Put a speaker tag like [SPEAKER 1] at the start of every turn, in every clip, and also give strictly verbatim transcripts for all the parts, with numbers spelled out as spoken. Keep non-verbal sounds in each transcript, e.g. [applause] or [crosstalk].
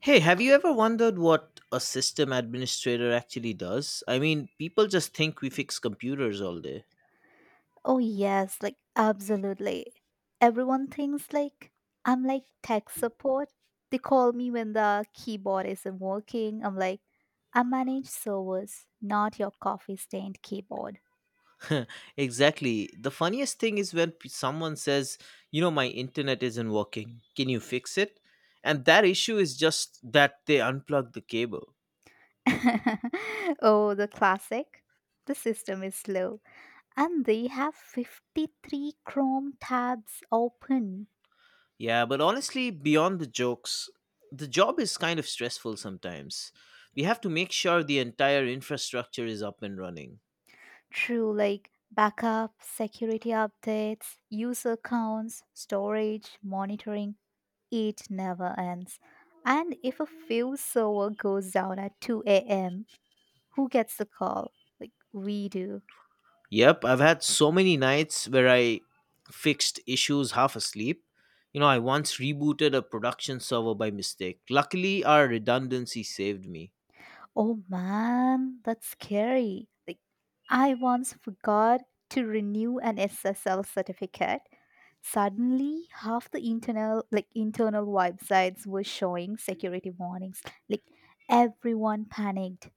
[SPEAKER 1] Hey, have you ever wondered what a system administrator actually does? I mean, people just think we fix computers all day.
[SPEAKER 2] Oh yes, like absolutely. Everyone thinks like I'm like tech support. They call me when the keyboard isn't working. I'm like, I manage servers, not your coffee stained keyboard.
[SPEAKER 1] [laughs] Exactly. The funniest thing is when p- someone says, you know, my internet isn't working. Can you fix it? And that issue is just that they unplugged the cable.
[SPEAKER 2] [laughs] Oh, the classic. The system is slow. And they have fifty-three Chrome tabs open
[SPEAKER 1] Yeah, but honestly, beyond the jokes, the job is kind of stressful sometimes. We have to make sure the entire infrastructure is up and running.
[SPEAKER 2] through like backup, security updates, user accounts, storage, monitoring. It never ends. And if a fail server goes down at two a m, who gets the call? Like, we do.
[SPEAKER 1] Yep, I've had so many nights where I fixed issues half asleep. You know, I once rebooted a production server by mistake. Luckily, our redundancy saved me.
[SPEAKER 2] Oh man, that's scary. Like, I once forgot to renew an S S L certificate. Suddenly, half the internal, like internal websites were showing security warnings. Like, everyone panicked,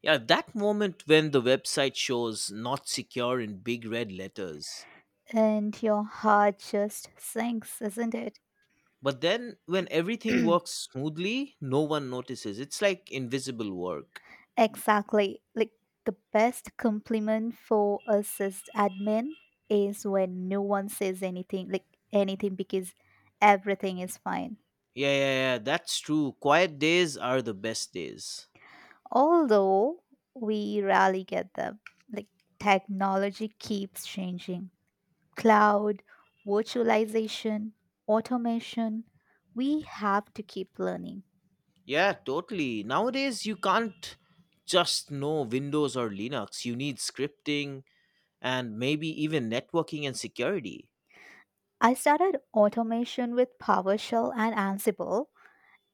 [SPEAKER 1] Yeah, that moment when the website shows not secure in big red letters.
[SPEAKER 2] and your heart just sinks, isn't it?
[SPEAKER 1] But then when everything
[SPEAKER 2] [clears throat]
[SPEAKER 1] works smoothly, no one notices. It's like invisible work.
[SPEAKER 2] Exactly. Like the best compliment for a sys admin is when no one says anything, like anything, because everything is fine.
[SPEAKER 1] Yeah, yeah, yeah, that's true. Quiet days are the best days.
[SPEAKER 2] Although we rarely get them. Like technology keeps changing. Cloud, virtualization, automation. We have to keep learning.
[SPEAKER 1] Yeah, totally. Nowadays, you can't just know Windows or Linux. You need scripting and maybe even networking and security.
[SPEAKER 2] I started automation with PowerShell and Ansible,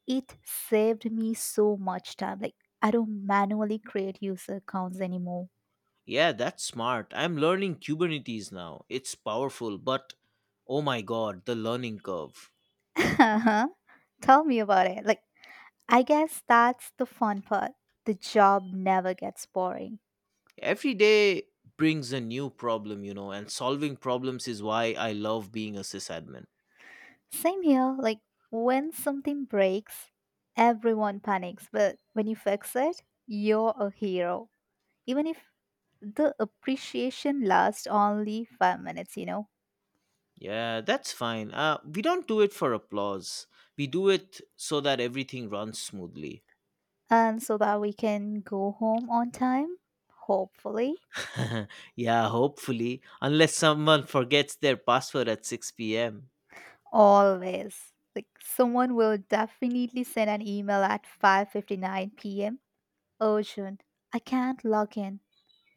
[SPEAKER 2] it saved me so much time. Like I don't manually create user accounts anymore.
[SPEAKER 1] Yeah, that's smart. I'm learning Kubernetes now. It's powerful, but oh my god, the learning curve.
[SPEAKER 2] [laughs] Uh-huh. Tell me about it. Like I guess that's the fun part. The job never gets boring.
[SPEAKER 1] Every day brings a new problem, you know, and solving problems is why I love being a sysadmin.
[SPEAKER 2] Same here. Like when something breaks, everyone panics, but when you fix it, you're a hero. Even if the appreciation lasts only five minutes, you know.
[SPEAKER 1] Yeah, that's fine. Uh, we don't do it for applause, we do it so that everything runs smoothly.
[SPEAKER 2] And so that we can go home on time, hopefully.
[SPEAKER 1] [laughs] Yeah, hopefully, unless someone forgets their password at six p m.
[SPEAKER 2] Always. Like someone will definitely send an email at five fifty-nine p m urgent. I can't log in.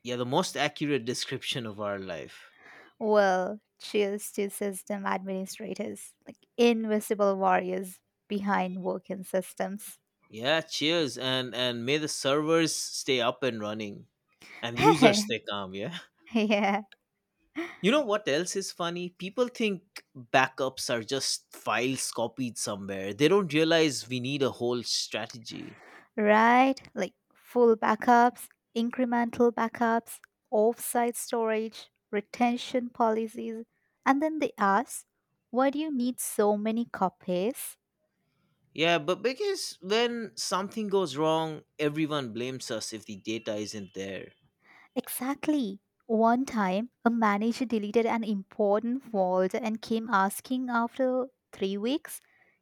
[SPEAKER 1] Yeah, the most accurate description of our life.
[SPEAKER 2] Well, cheers to system administrators, like invisible warriors behind working systems.
[SPEAKER 1] Yeah, cheers and and may the servers stay up and running and users
[SPEAKER 2] [laughs]
[SPEAKER 1] stay calm, yeah. [laughs]
[SPEAKER 2] Yeah,
[SPEAKER 1] You know what else is funny? People think backups are just files copied somewhere. They don't realize we need a whole strategy.
[SPEAKER 2] right? Like full backups, incremental backups, offsite storage, retention policies, and then they ask, why do you need so many copies?
[SPEAKER 1] Yeah, but because when something goes wrong, everyone blames us if the data isn't there.
[SPEAKER 2] Exactly. One time, a manager deleted an important folder and came asking after three weeks,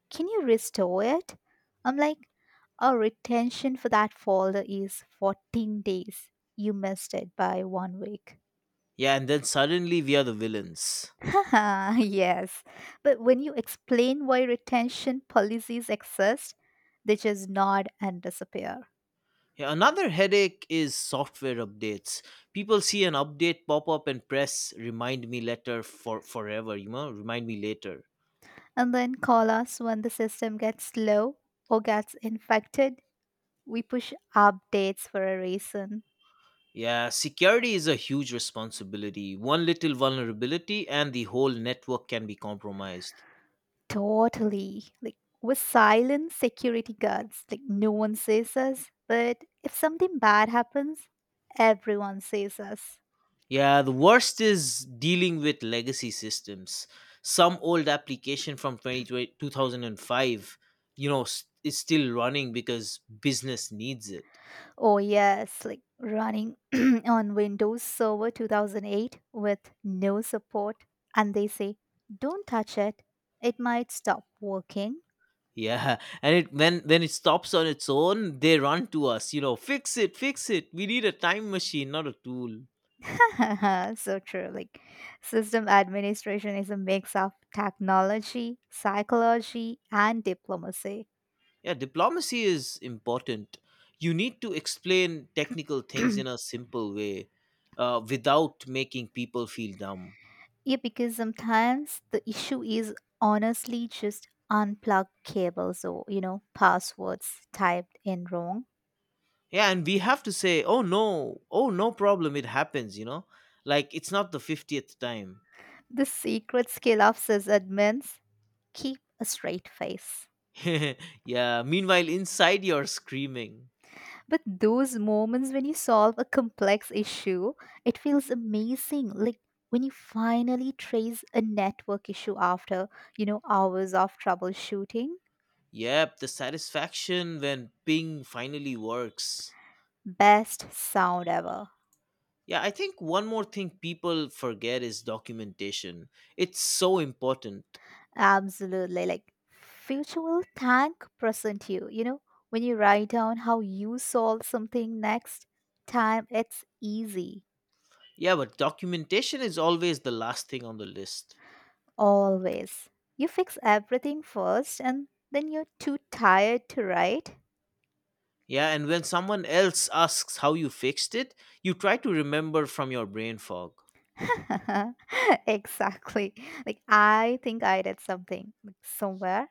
[SPEAKER 2] can you restore it? I'm like, our retention for that folder is fourteen days. You missed it by one week.
[SPEAKER 1] Yeah, and then suddenly we are the villains.
[SPEAKER 2] Haha, [laughs] yes. But when you explain why retention policies exist, they just nod and disappear.
[SPEAKER 1] Yeah, another headache is software updates. People see an update pop up and press remind me later for forever, you know, remind me later.
[SPEAKER 2] And then call us when the system gets slow or gets infected, we push updates for a reason.
[SPEAKER 1] Yeah, security is a huge responsibility. One little vulnerability and the whole network can be compromised.
[SPEAKER 2] Totally. Like we're silent security guards. Like no one sees us, but if something bad happens, everyone sees us.
[SPEAKER 1] Yeah, the worst is dealing with legacy systems. Some old application from twenty twenty, two thousand five, you know, s- is still running because business needs it.
[SPEAKER 2] Oh yes, like running [clears throat] on Windows Server two thousand eight with no support, and they say, "Don't touch it. It might stop working."
[SPEAKER 1] Yeah, and it when when it stops on its own, they run to us. You know, fix it, fix it. We need a time machine, not a tool.
[SPEAKER 2] [laughs] So true. Like, system administration is a mix of technology, psychology, and diplomacy.
[SPEAKER 1] Yeah, diplomacy is important. You need to explain technical
[SPEAKER 2] [clears throat]
[SPEAKER 1] things
[SPEAKER 2] Yeah,
[SPEAKER 1] in a simple way, uh, without making people feel dumb.
[SPEAKER 2] because sometimes the issue is honestly just unplugged cables or, you know, passwords typed in wrong.
[SPEAKER 1] Yeah, and we have to say, "Oh no, oh no problem. It happens." You know, like it's not the fiftieth time.
[SPEAKER 2] The secret skill of sysadmins, keep a straight face.
[SPEAKER 1] [laughs] Yeah. Meanwhile, inside you're screaming.
[SPEAKER 2] But those moments when you solve a complex issue, it feels amazing. Like when you finally trace a network issue after, you know, hours of troubleshooting,
[SPEAKER 1] Yep, the satisfaction when ping finally works.
[SPEAKER 2] best sound ever.
[SPEAKER 1] Yeah, I think one more thing people forget is documentation. It's so important.
[SPEAKER 2] Absolutely. Like future will thank present you, you know, when you write down how you solve something next time, it's easy.
[SPEAKER 1] Yeah, but documentation is always the last thing on the list.
[SPEAKER 2] Always. You fix everything first and then you're too tired to write.
[SPEAKER 1] Yeah, and when someone else asks how you fixed it, you try to remember from your brain fog.
[SPEAKER 2] [laughs] Exactly. Like I think I did something like somewhere.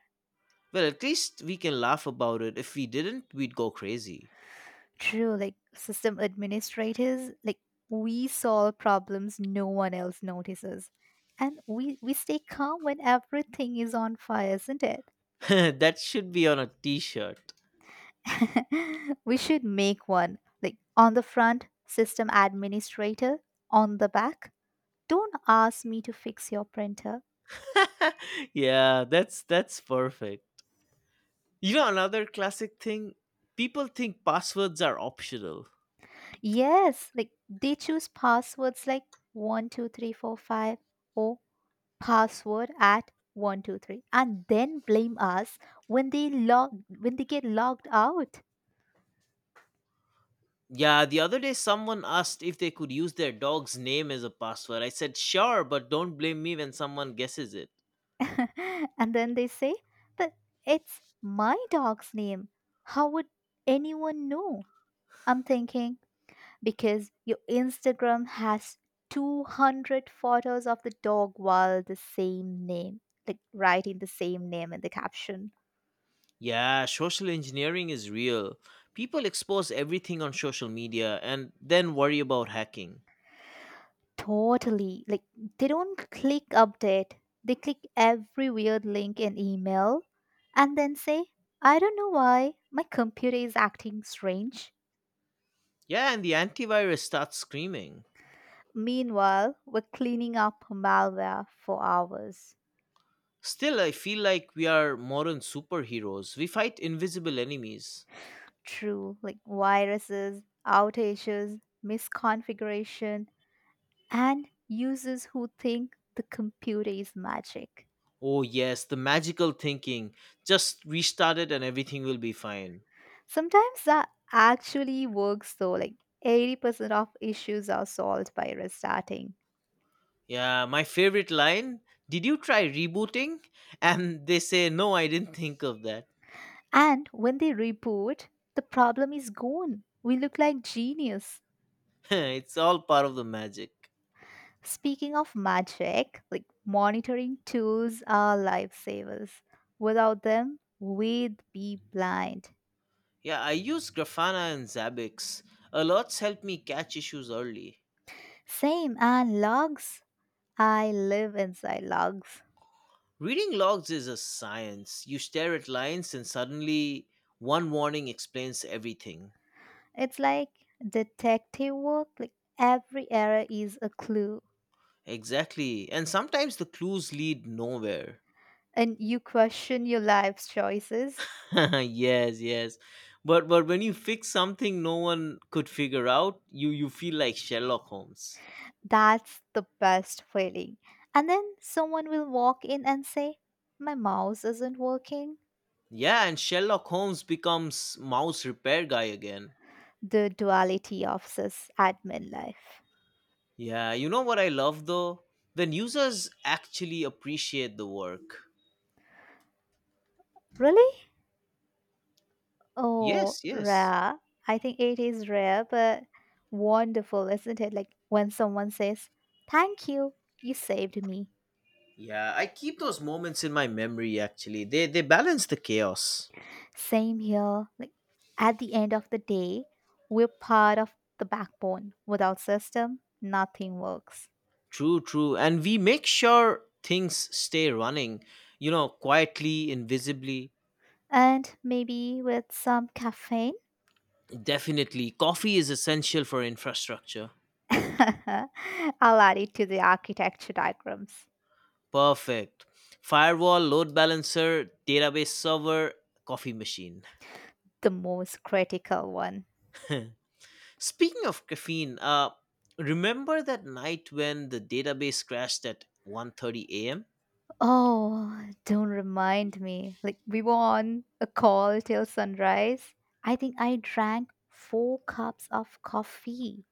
[SPEAKER 1] Well, at least we can laugh about it. If we didn't, we'd go crazy.
[SPEAKER 2] True, like system administrators, like we solve problems no one else notices. And we we stay calm when everything is on fire, isn't it?
[SPEAKER 1] [laughs] That should be on a t-shirt.
[SPEAKER 2] [laughs] We should make one. Like on the front, system administrator, on the back, don't ask me to fix your printer.
[SPEAKER 1] [laughs] Yeah, that's that's perfect. You know another classic thing, people think passwords are optional.
[SPEAKER 2] Yes, like they choose passwords like one, two, three, four, five. One, two, three, four, five, oh, password at one two three, and then blame us when they log, when they get logged out.
[SPEAKER 1] Yeah, the other day someone asked if they could use their dog's name as a password. I said, sure, but don't blame me when someone guesses it.
[SPEAKER 2] [laughs] And then they say, but it's my dog's name, how would anyone know? I'm thinking, because your Instagram has two hundred photos of the dog while the same name, like writing the same name in the caption.
[SPEAKER 1] Yeah, social engineering is real. People expose everything on social media and then worry about hacking.
[SPEAKER 2] Totally. Like they don't click update. They click every weird link in email and then say, I don't know why my computer is acting strange.
[SPEAKER 1] Yeah, and the antivirus starts screaming.
[SPEAKER 2] Meanwhile, we're cleaning up malware for hours.
[SPEAKER 1] Still, I feel like we are modern superheroes. We fight invisible enemies.
[SPEAKER 2] True, like viruses, outages, misconfiguration, and users who think the computer is magic.
[SPEAKER 1] Oh, yes, the magical thinking. Just restart it and everything will be fine.
[SPEAKER 2] Sometimes that actually works though, like eighty percent of issues are solved by restarting.
[SPEAKER 1] Yeah, my favorite line. Did you try rebooting? [laughs] And they say, no, I didn't [laughs] think of that.
[SPEAKER 2] And when they reboot, the problem is gone. We look like genius.
[SPEAKER 1] [laughs] It's all part of the magic.
[SPEAKER 2] Speaking of magic, like monitoring tools are lifesavers. Without them, we'd be blind.
[SPEAKER 1] Yeah, I use Grafana and Zabbix. A lot's helped me catch issues early.
[SPEAKER 2] Same, and logs. I live inside logs.
[SPEAKER 1] Reading logs is a science. You stare at lines and suddenly one warning explains everything.
[SPEAKER 2] It's like detective work, like every error is a clue.
[SPEAKER 1] Exactly. And sometimes the clues lead nowhere.
[SPEAKER 2] And you question your life's choices.
[SPEAKER 1] [laughs] Yes, yes. But but when you fix something no one could figure out, you you feel like Sherlock Holmes.
[SPEAKER 2] That's the best feeling. And then someone will walk in and say, my mouse isn't working.
[SPEAKER 1] Yeah, and Sherlock Holmes becomes mouse repair guy again.
[SPEAKER 2] The duality of sys admin life.
[SPEAKER 1] Yeah, you know what I love though? When users actually appreciate the work.
[SPEAKER 2] Really? Oh,
[SPEAKER 1] Yes, yes.
[SPEAKER 2] rare. I think it is rare, but wonderful, isn't it? Like when someone says, thank you, you saved me.
[SPEAKER 1] Yeah, I keep those moments in my memory actually. They they balance the chaos.
[SPEAKER 2] Same here. Like at the end of the day, we're part of the backbone. Without system, nothing works.
[SPEAKER 1] True, true. And we make sure things stay running, you know, quietly, invisibly.
[SPEAKER 2] And maybe with some caffeine.
[SPEAKER 1] Definitely. Coffee is essential for infrastructure.
[SPEAKER 2] [laughs] I'll add it to the architecture diagrams.
[SPEAKER 1] Perfect. Firewall, load balancer, database server, coffee machine.
[SPEAKER 2] The most critical one.
[SPEAKER 1] [laughs] Speaking of caffeine, uh, remember that night when the database crashed at one thirty a m?
[SPEAKER 2] Oh, don't remind me. Like, we were on a call till sunrise. I think I drank four cups of coffee.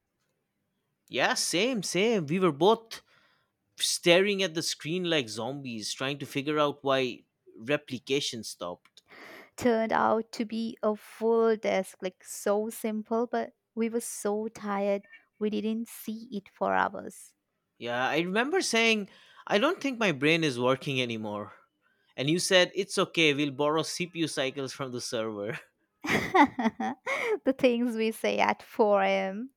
[SPEAKER 1] Yeah, same, same. We were both staring at the screen like zombies, trying to figure out why replication stopped.
[SPEAKER 2] Turned out to be a full desk, like, so simple, but we were so tired, we didn't see it for hours.
[SPEAKER 1] Yeah, I remember saying, "I don't think my brain is working anymore," and you said, "It's okay. We'll borrow C P U cycles from the server." [laughs]
[SPEAKER 2] [laughs] The things we say at four a m.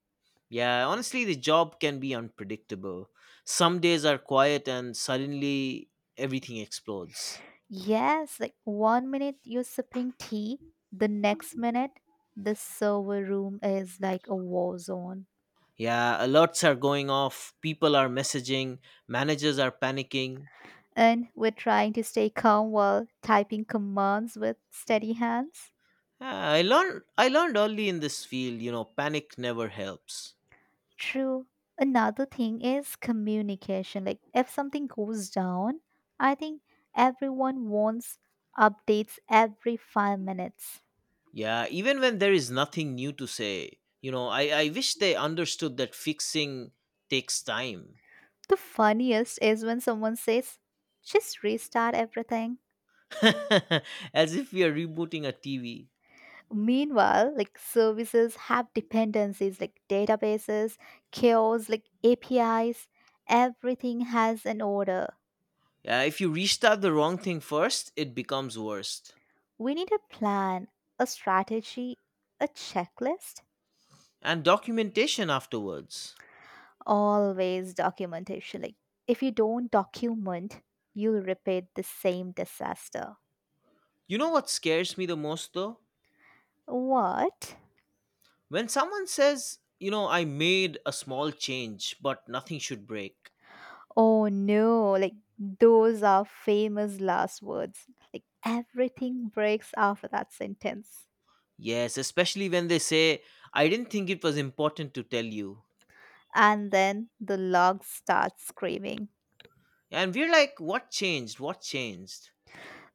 [SPEAKER 1] Yeah, honestly, the job can be unpredictable. Some days are quiet, and suddenly everything explodes.
[SPEAKER 2] Yes, like one minute you're sipping tea, the next minute the server room is like a war zone.
[SPEAKER 1] Yeah, alerts are going off, people are messaging, managers are panicking.
[SPEAKER 2] And we're trying to stay calm while typing commands with steady hands.
[SPEAKER 1] Yeah, I learned I learned early in this field, you know, panic never helps.
[SPEAKER 2] True. Another thing is communication. Like if something goes down, I think everyone wants updates every five minutes.
[SPEAKER 1] Yeah, even when there is nothing new to say, you know, I, I wish they understood that fixing takes time.
[SPEAKER 2] The funniest is when someone says, just restart everything.
[SPEAKER 1] [laughs] As if we are rebooting a T V.
[SPEAKER 2] Meanwhile, like services have dependencies like databases, queues, like A P Is, everything has an order.
[SPEAKER 1] Yeah, if you restart the wrong thing first, it becomes worse.
[SPEAKER 2] We need a plan, a strategy, a checklist,
[SPEAKER 1] And documentation afterwards.
[SPEAKER 2] always documentation. Like if you don't document, you'll repeat the same disaster.
[SPEAKER 1] You know what scares me the most though?
[SPEAKER 2] What?
[SPEAKER 1] When someone says, you know, I made a small change, but nothing should break.
[SPEAKER 2] Oh no, like those are famous last words. Like everything breaks after that sentence.
[SPEAKER 1] Yes, especially when they say, I didn't think it was important to tell you.
[SPEAKER 2] And then the log starts screaming.
[SPEAKER 1] And we're like, what changed? What changed?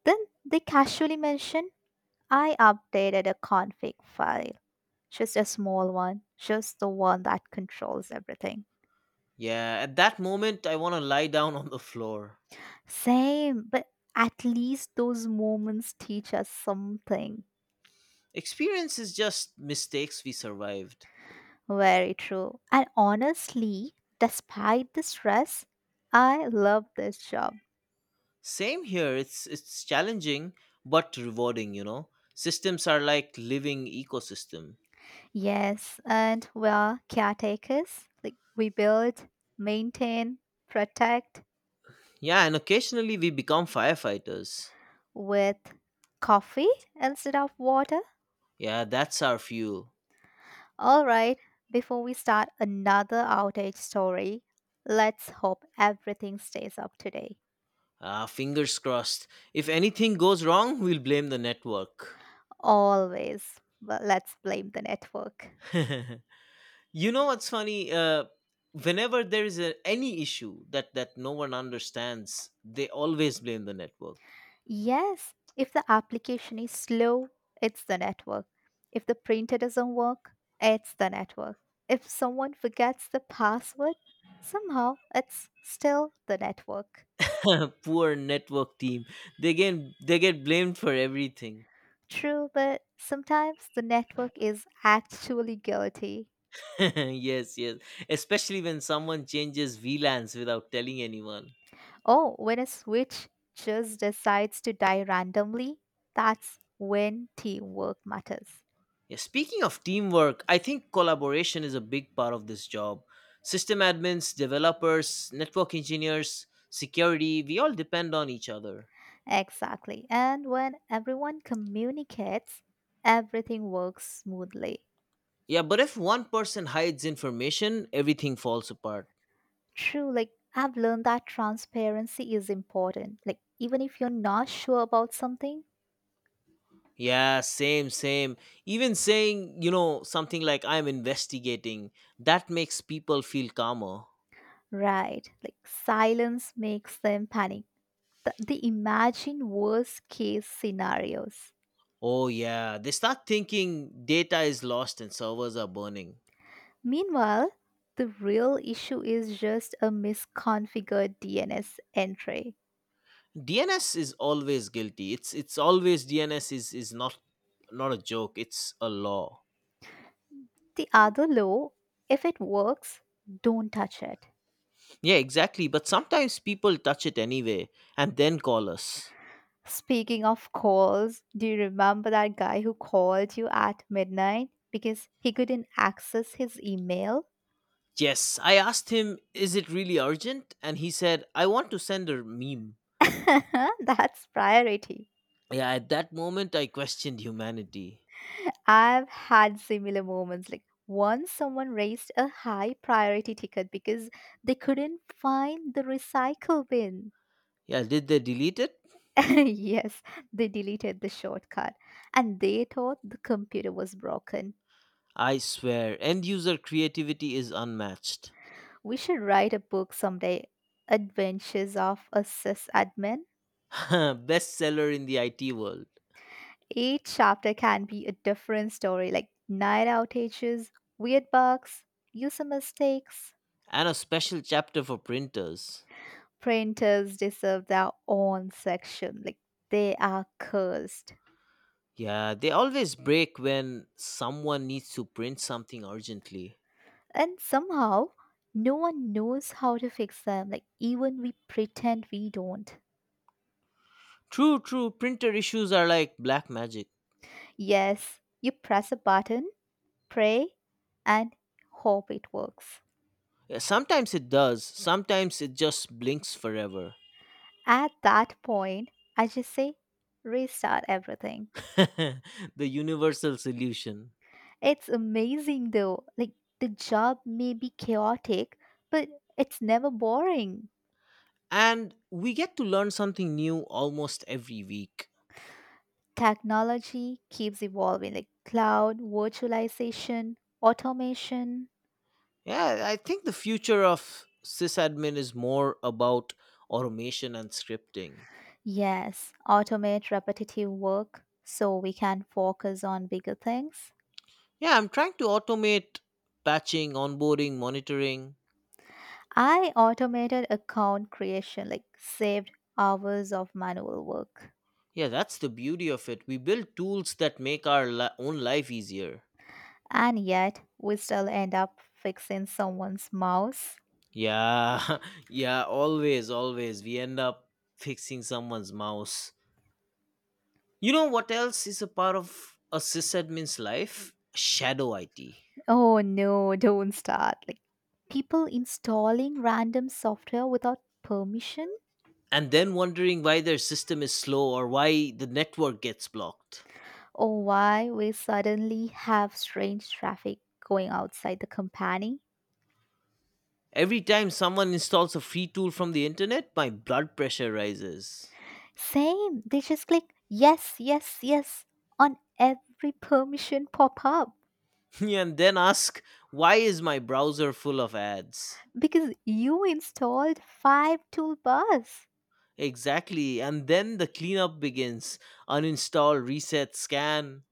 [SPEAKER 2] Then they casually mention, I updated a config file. Just a small one, just the one that controls everything.
[SPEAKER 1] Yeah, at that moment, I want to lie down [laughs] on the floor.
[SPEAKER 2] Same, but at least those moments teach us something.
[SPEAKER 1] Experience is just mistakes we survived.
[SPEAKER 2] Very true. And honestly, despite the stress, I love this job.
[SPEAKER 1] Same here, it's, it's challenging, but rewarding, you know. Systems are like living ecosystem.
[SPEAKER 2] Yes, and we are caretakers. Like we build, maintain, protect,
[SPEAKER 1] Yeah, and occasionally we become firefighters.
[SPEAKER 2] with coffee instead of water?
[SPEAKER 1] Yeah, that's our fuel.
[SPEAKER 2] All right, before we start another outage story, let's hope everything stays up today.
[SPEAKER 1] Ah, fingers crossed. If anything goes wrong, we'll blame the network.
[SPEAKER 2] Always. But let's blame the network.
[SPEAKER 1] [laughs] You know what's funny? Uh, whenever there is a, any issue that that no one understands, they always blame the network.
[SPEAKER 2] Yes, if the application is slow, it's the network. If the printer doesn't work, it's the network. If someone forgets the password, somehow it's still the network.
[SPEAKER 1] [laughs] Poor network team. They get they get blamed for everything.
[SPEAKER 2] True, but sometimes the network is actually guilty.
[SPEAKER 1] [laughs] Yes, yes. Especially when someone changes V LANs without telling anyone.
[SPEAKER 2] Oh, when a switch just decides to die randomly, that's when teamwork matters.
[SPEAKER 1] Yeah, speaking of teamwork, I think collaboration is a big part of this job. System admins, developers, network engineers, security, we all depend on each other.
[SPEAKER 2] Exactly. And when everyone communicates, everything works smoothly.
[SPEAKER 1] Yeah, but if one person hides information, everything falls apart.
[SPEAKER 2] True, like I've learned that transparency is important. Like, even if you're not sure about something,
[SPEAKER 1] Yeah, same, same. Even saying, you know, something like I'm investigating, that makes people feel calmer.
[SPEAKER 2] right? Like, silence makes them panic. Th- They imagine worst case scenarios.
[SPEAKER 1] Oh, yeah, they start thinking data is lost and servers are burning.
[SPEAKER 2] Meanwhile, the real issue is just a misconfigured D N S entry.
[SPEAKER 1] D N S is always guilty. It's it's always D N S is is not not a joke. It's a law.
[SPEAKER 2] The other law, if it works, don't touch it.
[SPEAKER 1] Yeah, exactly. But sometimes people touch it anyway and then call us.
[SPEAKER 2] Speaking of calls, do you remember that guy who called you at midnight because he couldn't access his email?
[SPEAKER 1] Yes, I asked him, "Is it really urgent?" and he said, "I want to send a meme."
[SPEAKER 2] [laughs] That's priority.
[SPEAKER 1] Yeah, at that moment I questioned humanity.
[SPEAKER 2] I've had similar moments. Like once someone raised a high priority ticket because they couldn't find the recycle bin.
[SPEAKER 1] Yeah, did they delete it?
[SPEAKER 2] [laughs] Yes, they deleted the shortcut and they thought the computer was broken.
[SPEAKER 1] I swear, end user creativity is unmatched.
[SPEAKER 2] We should write a book someday, Adventures of a Sysadmin.
[SPEAKER 1] [laughs] Bestseller in the I T world,
[SPEAKER 2] Each chapter can be a different story like night outages, weird bugs, user mistakes.
[SPEAKER 1] and a special chapter for printers.
[SPEAKER 2] Printers deserve their own section, like they are cursed.
[SPEAKER 1] Yeah, they always break when someone needs to print something urgently.
[SPEAKER 2] And somehow, no one knows how to fix them, like even we pretend we don't.
[SPEAKER 1] True, true, printer issues are like black magic.
[SPEAKER 2] Yes, you press a button, pray, and hope it works.
[SPEAKER 1] Yeah, sometimes it does, sometimes it just blinks forever.
[SPEAKER 2] At that point, I just say restart everything.
[SPEAKER 1] [laughs] The universal solution.
[SPEAKER 2] It's amazing though. Like the job may be chaotic, but it's never boring.
[SPEAKER 1] And we get to learn something new almost every week.
[SPEAKER 2] Technology keeps evolving like cloud, virtualization, automation.
[SPEAKER 1] Yeah, I think the future of sysadmin is more about automation and scripting.
[SPEAKER 2] Yes, automate repetitive work so we can focus on bigger things.
[SPEAKER 1] Yeah, I'm trying to automate patching, onboarding, monitoring.
[SPEAKER 2] I automated account creation, like saved hours of manual work.
[SPEAKER 1] Yeah, that's the beauty of it. We build tools that make our li- own life easier.
[SPEAKER 2] And yet, we still end up fixing someone's mouse.
[SPEAKER 1] Yeah, [laughs] yeah, always, always. We end up fixing someone's mouse. You know what else is a part of a sysadmin's life? Shadow I T.
[SPEAKER 2] Oh no, [laughs] don't start. Like people installing random software without permission,
[SPEAKER 1] And then wondering why their system is slow or why the network gets blocked.
[SPEAKER 2] or why we suddenly have strange traffic going outside the company.
[SPEAKER 1] Every time someone installs a free tool from the internet, my blood pressure rises.
[SPEAKER 2] Same, they just click yes, yes, yes on every permission pop up.
[SPEAKER 1] [laughs] And then ask, why is my browser full of ads?
[SPEAKER 2] Because you installed five toolbars.
[SPEAKER 1] Exactly. And then the cleanup begins. Uninstall, reset, scan.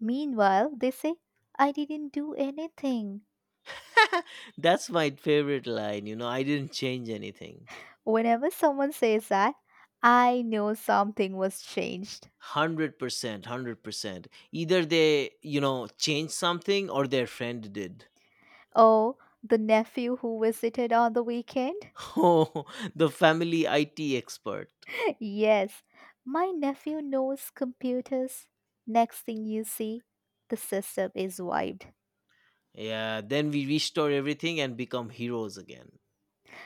[SPEAKER 2] Meanwhile, they say, I didn't do anything.
[SPEAKER 1] [laughs] That's my favorite line. You know, I didn't change anything.
[SPEAKER 2] Whenever someone says that, I know something was changed.
[SPEAKER 1] one hundred percent, one hundred percent. Either they, you know, changed something or their friend did.
[SPEAKER 2] Oh, the nephew who visited on the weekend?
[SPEAKER 1] [laughs] Oh, the family I T expert.
[SPEAKER 2] [laughs] Yes, my nephew knows computers. Next thing you see, the system is wiped.
[SPEAKER 1] Yeah, then we restore everything and become heroes again.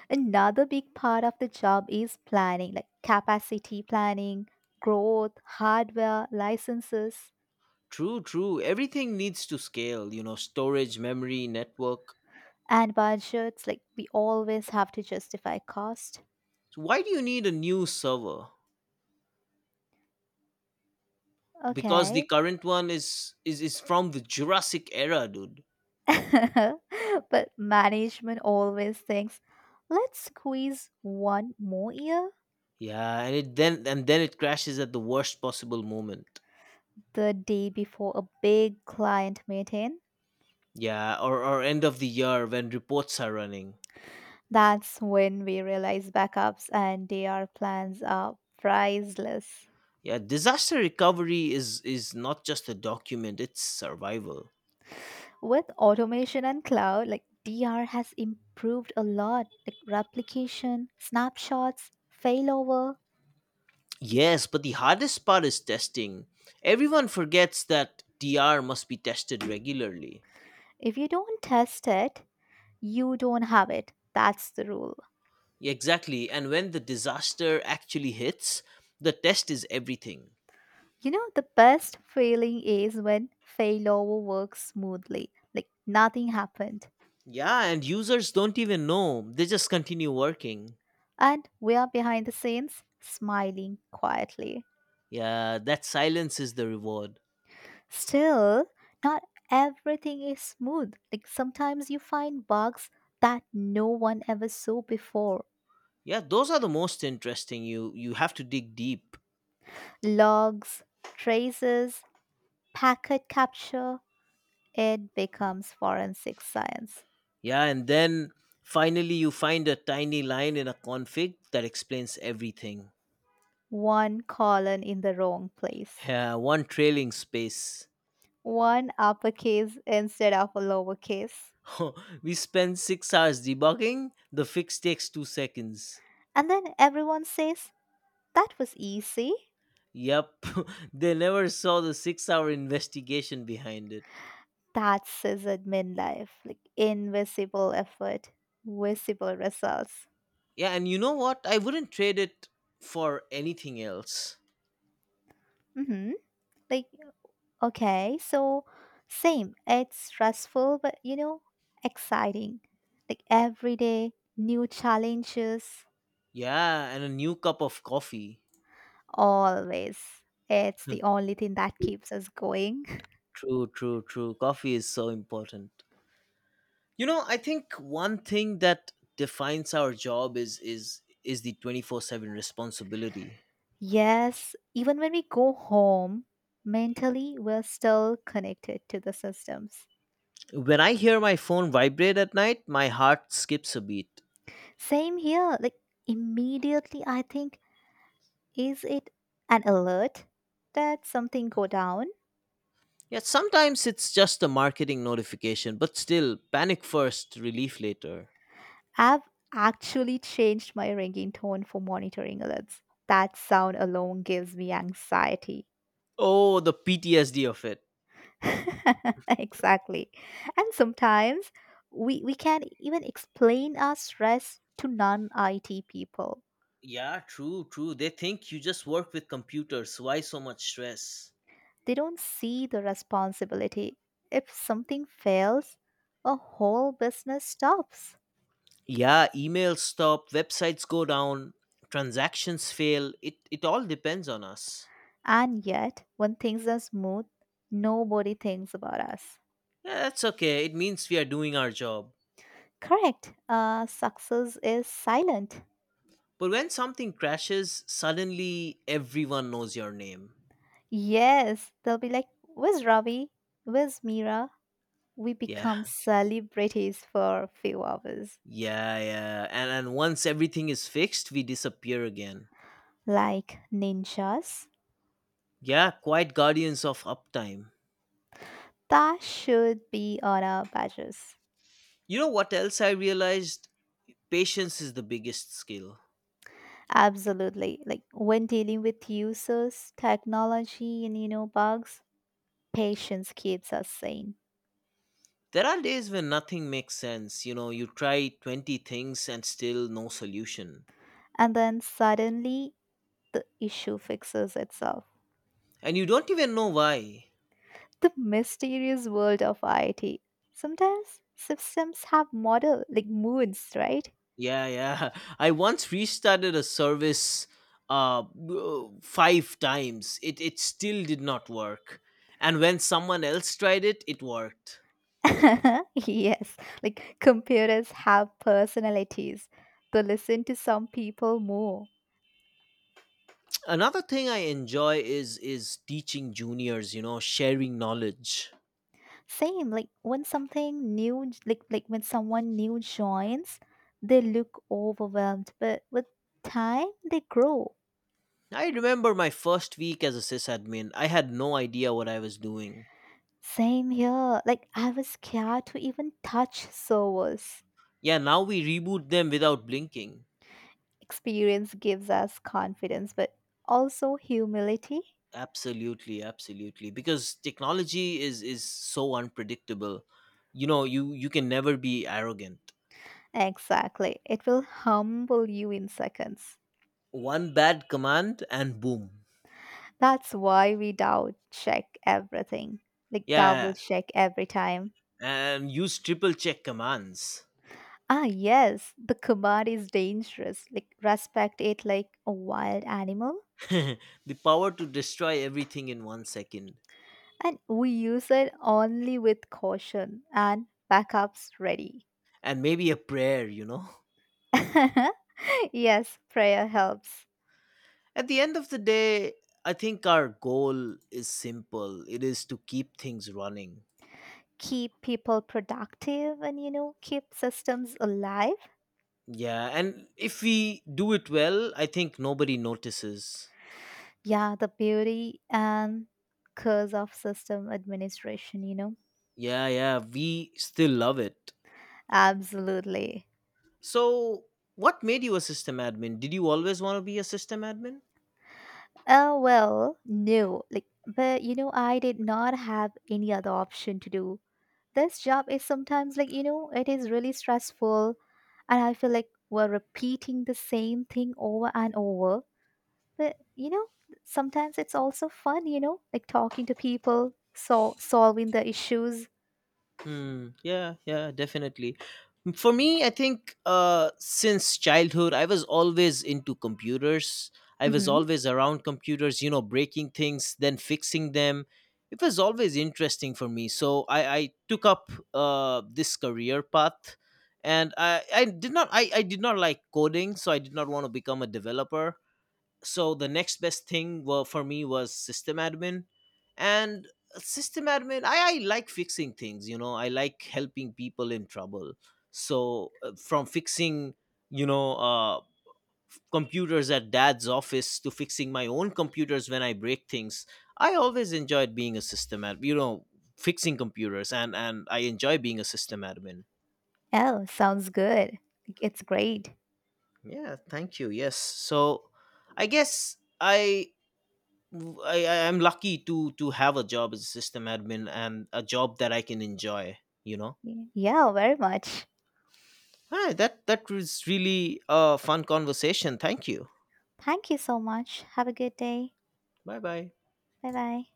[SPEAKER 2] Another big part of the job is planning, like capacity planning, growth, hardware, licenses.
[SPEAKER 1] True, true. Everything needs to scale, you know, storage, memory, network.
[SPEAKER 2] And budgets, like we always have to justify cost.
[SPEAKER 1] So why do you need a new server? Because the
[SPEAKER 2] Okay.
[SPEAKER 1] current one is is is from the Jurassic era, dude.
[SPEAKER 2] [laughs] But management always thinks, let's squeeze one more year,
[SPEAKER 1] Yeah, and it then and then it crashes at the worst possible moment.
[SPEAKER 2] the day before a big client meeting.
[SPEAKER 1] Yeah, or or end of the year when reports are running.
[SPEAKER 2] That's when we realize backups and D R plans are priceless.
[SPEAKER 1] Yeah, disaster recovery is is not just a document, it's survival.
[SPEAKER 2] With automation and cloud, like D R has improved a lot, like replication, snapshots, failover.
[SPEAKER 1] Yes, but the hardest part is testing. Everyone forgets that D R must be tested regularly.
[SPEAKER 2] If you don't test it, you don't have it. That's the rule.
[SPEAKER 1] Yeah, exactly, and when the disaster actually hits, the test is everything.
[SPEAKER 2] You know, the best feeling is when failover works smoothly, like nothing happened.
[SPEAKER 1] Yeah, and users don't even know. They just continue working.
[SPEAKER 2] And we are behind the scenes, smiling quietly.
[SPEAKER 1] Yeah, that silence is the reward.
[SPEAKER 2] Still, not everything is smooth. Like sometimes you find bugs that no one ever saw before.
[SPEAKER 1] Yeah, those are the most interesting. You you have to dig deep.
[SPEAKER 2] Logs, traces, packet capture, it becomes forensic science.
[SPEAKER 1] Yeah, and then finally you find a tiny line in a config that explains everything.
[SPEAKER 2] One colon in the wrong place.
[SPEAKER 1] Yeah, one trailing space.
[SPEAKER 2] One uppercase instead of a lowercase.
[SPEAKER 1] [laughs] We spend six hours debugging. The fix takes 2 seconds.
[SPEAKER 2] And then everyone says, that was easy.
[SPEAKER 1] Yep. [laughs] They never saw the six hour investigation behind it.
[SPEAKER 2] That's sysadmin life, like invisible effort, visible results.
[SPEAKER 1] Yeah, and you know what? I wouldn't trade it for anything else.
[SPEAKER 2] Mm-hmm. Like, okay, so same. It's stressful, but you know, exciting. Like every day, new challenges,
[SPEAKER 1] Yeah, and a new cup of coffee. [laughs]
[SPEAKER 2] always. It's
[SPEAKER 1] Hmm.
[SPEAKER 2] the only thing that keeps us going.
[SPEAKER 1] True, true, true. Coffee is so important. You know, I think one thing that defines our job is is is the twenty-four seven responsibility.
[SPEAKER 2] Yes, even when we go home, mentally we're still connected to the systems.
[SPEAKER 1] When I hear my phone vibrate at night, my heart skips a beat.
[SPEAKER 2] Same here. Like immediately I think, is it an alert that something go down?
[SPEAKER 1] Yeah, sometimes it's just a marketing notification, but still, panic first, relief later.
[SPEAKER 2] I've actually changed my ringing tone for monitoring alerts. That sound alone gives me anxiety.
[SPEAKER 1] Oh, the P T S D of it.
[SPEAKER 2] [laughs] Exactly. And sometimes we we can even explain our stress to non-I T people.
[SPEAKER 1] Yeah, true, true. They think you just work with computers. Why so much stress?
[SPEAKER 2] They don't see the responsibility. If something fails, a whole business stops.
[SPEAKER 1] Yeah, emails stop, websites go down, transactions fail. It it all depends on us.
[SPEAKER 2] And yet, when things are smooth, nobody thinks about us.
[SPEAKER 1] Yeah, that's okay. It means we are doing our job.
[SPEAKER 2] Correct. Uh, success is silent.
[SPEAKER 1] But when something crashes, suddenly everyone knows your name.
[SPEAKER 2] Yes, they'll be like, where's Ravi? Where's Mira? We
[SPEAKER 1] Yeah.
[SPEAKER 2] become celebrities for a few hours.
[SPEAKER 1] Yeah, yeah. And and once everything is fixed, we disappear again.
[SPEAKER 2] Like ninjas.
[SPEAKER 1] Yeah, quite guardians of uptime.
[SPEAKER 2] That should be on our badges.
[SPEAKER 1] You know what else I realized? Patience is the biggest skill.
[SPEAKER 2] Absolutely. Like when dealing with users, technology, and you know, bugs, patience keeps us sane.
[SPEAKER 1] There are days when nothing makes sense. You know, you try twenty things and still no solution.
[SPEAKER 2] And then suddenly the issue fixes itself.
[SPEAKER 1] And you don't even know why.
[SPEAKER 2] The mysterious world of I T. Sometimes systems have model like moods, right?
[SPEAKER 1] Yeah, yeah. [laughs] I once restarted a service uh w- five times. It it still did not work. And when someone else tried it, it worked.
[SPEAKER 2] [laughs] Yes. Like computers have personalities. They listen to some people more.
[SPEAKER 1] Another thing I enjoy is is teaching juniors, you know, sharing knowledge.
[SPEAKER 2] Same, like when something new, like like when someone new joins, they look overwhelmed, but with time they grow.
[SPEAKER 1] I remember my first week as a sysadmin. I had no idea what I was doing.
[SPEAKER 2] Same here. Like I was scared to even touch servers.
[SPEAKER 1] Yeah, now we reboot them without blinking.
[SPEAKER 2] Experience gives us confidence, but also humility.
[SPEAKER 1] Absolutely, absolutely, because technology is is so unpredictable. You know, you you can never be arrogant.
[SPEAKER 2] Exactly. It will humble you in seconds.
[SPEAKER 1] One bad command and boom.
[SPEAKER 2] That's why we doubt check everything. Like double
[SPEAKER 1] Yeah,
[SPEAKER 2] check every time.
[SPEAKER 1] and use triple check commands.
[SPEAKER 2] Ah, yes, the kabad is dangerous. Like, respect it like a wild animal.
[SPEAKER 1] [laughs] The power to destroy everything in one second.
[SPEAKER 2] And we use it only with caution and backups ready.
[SPEAKER 1] And maybe a prayer you know
[SPEAKER 2] [laughs] Yes, prayer helps.
[SPEAKER 1] [laughs] At the end of the day, I think our goal is simple: it is to keep things running.
[SPEAKER 2] Keep people productive and, you know, keep systems alive.
[SPEAKER 1] Yeah, and if we do it well, I think nobody notices.
[SPEAKER 2] Yeah, the beauty and curse of system administration, you know.
[SPEAKER 1] Yeah, yeah, we still love it.
[SPEAKER 2] Absolutely.
[SPEAKER 1] So, what made you a system admin? Did you always want to be a system admin?
[SPEAKER 2] Oh, well, no. Like, but, you know, I did not have any other option to do this job. Is sometimes like, you know, it is really stressful, and I feel like we're repeating the same thing over and over, but you know, sometimes it's also fun, you know, like talking to people, so solving the issues.
[SPEAKER 1] Hmm, yeah, yeah, definitely. For me, I think uh, since childhood, I was always into computers. I was
[SPEAKER 2] Mm-hmm.
[SPEAKER 1] always around computers, you know, breaking things, then fixing them. It was always interesting for me. So I, I took up uh, this career path and I, I did not I, I did not like coding, so I did not want to become a developer, so the next best thing wa- for me was system admin. And system admin, I, I like fixing things. You know, I like helping people in trouble. So uh, from fixing you know uh, f- computers at dad's office to fixing my own computers when I break things. I always enjoyed being a system admin you know fixing computers. And and I enjoy being a system admin.
[SPEAKER 2] Oh, sounds good. Like, it's great.
[SPEAKER 1] Yeah, thank you. Yes, so I guess I w- I, I- I'm lucky to to have a job as a system admin and a job that I can enjoy. You know,
[SPEAKER 2] Yeah, very much.
[SPEAKER 1] Hi, that that was really a fun conversation. Thank you.
[SPEAKER 2] Thank you so much, have a good day.
[SPEAKER 1] Bye bye.
[SPEAKER 2] Bye bye.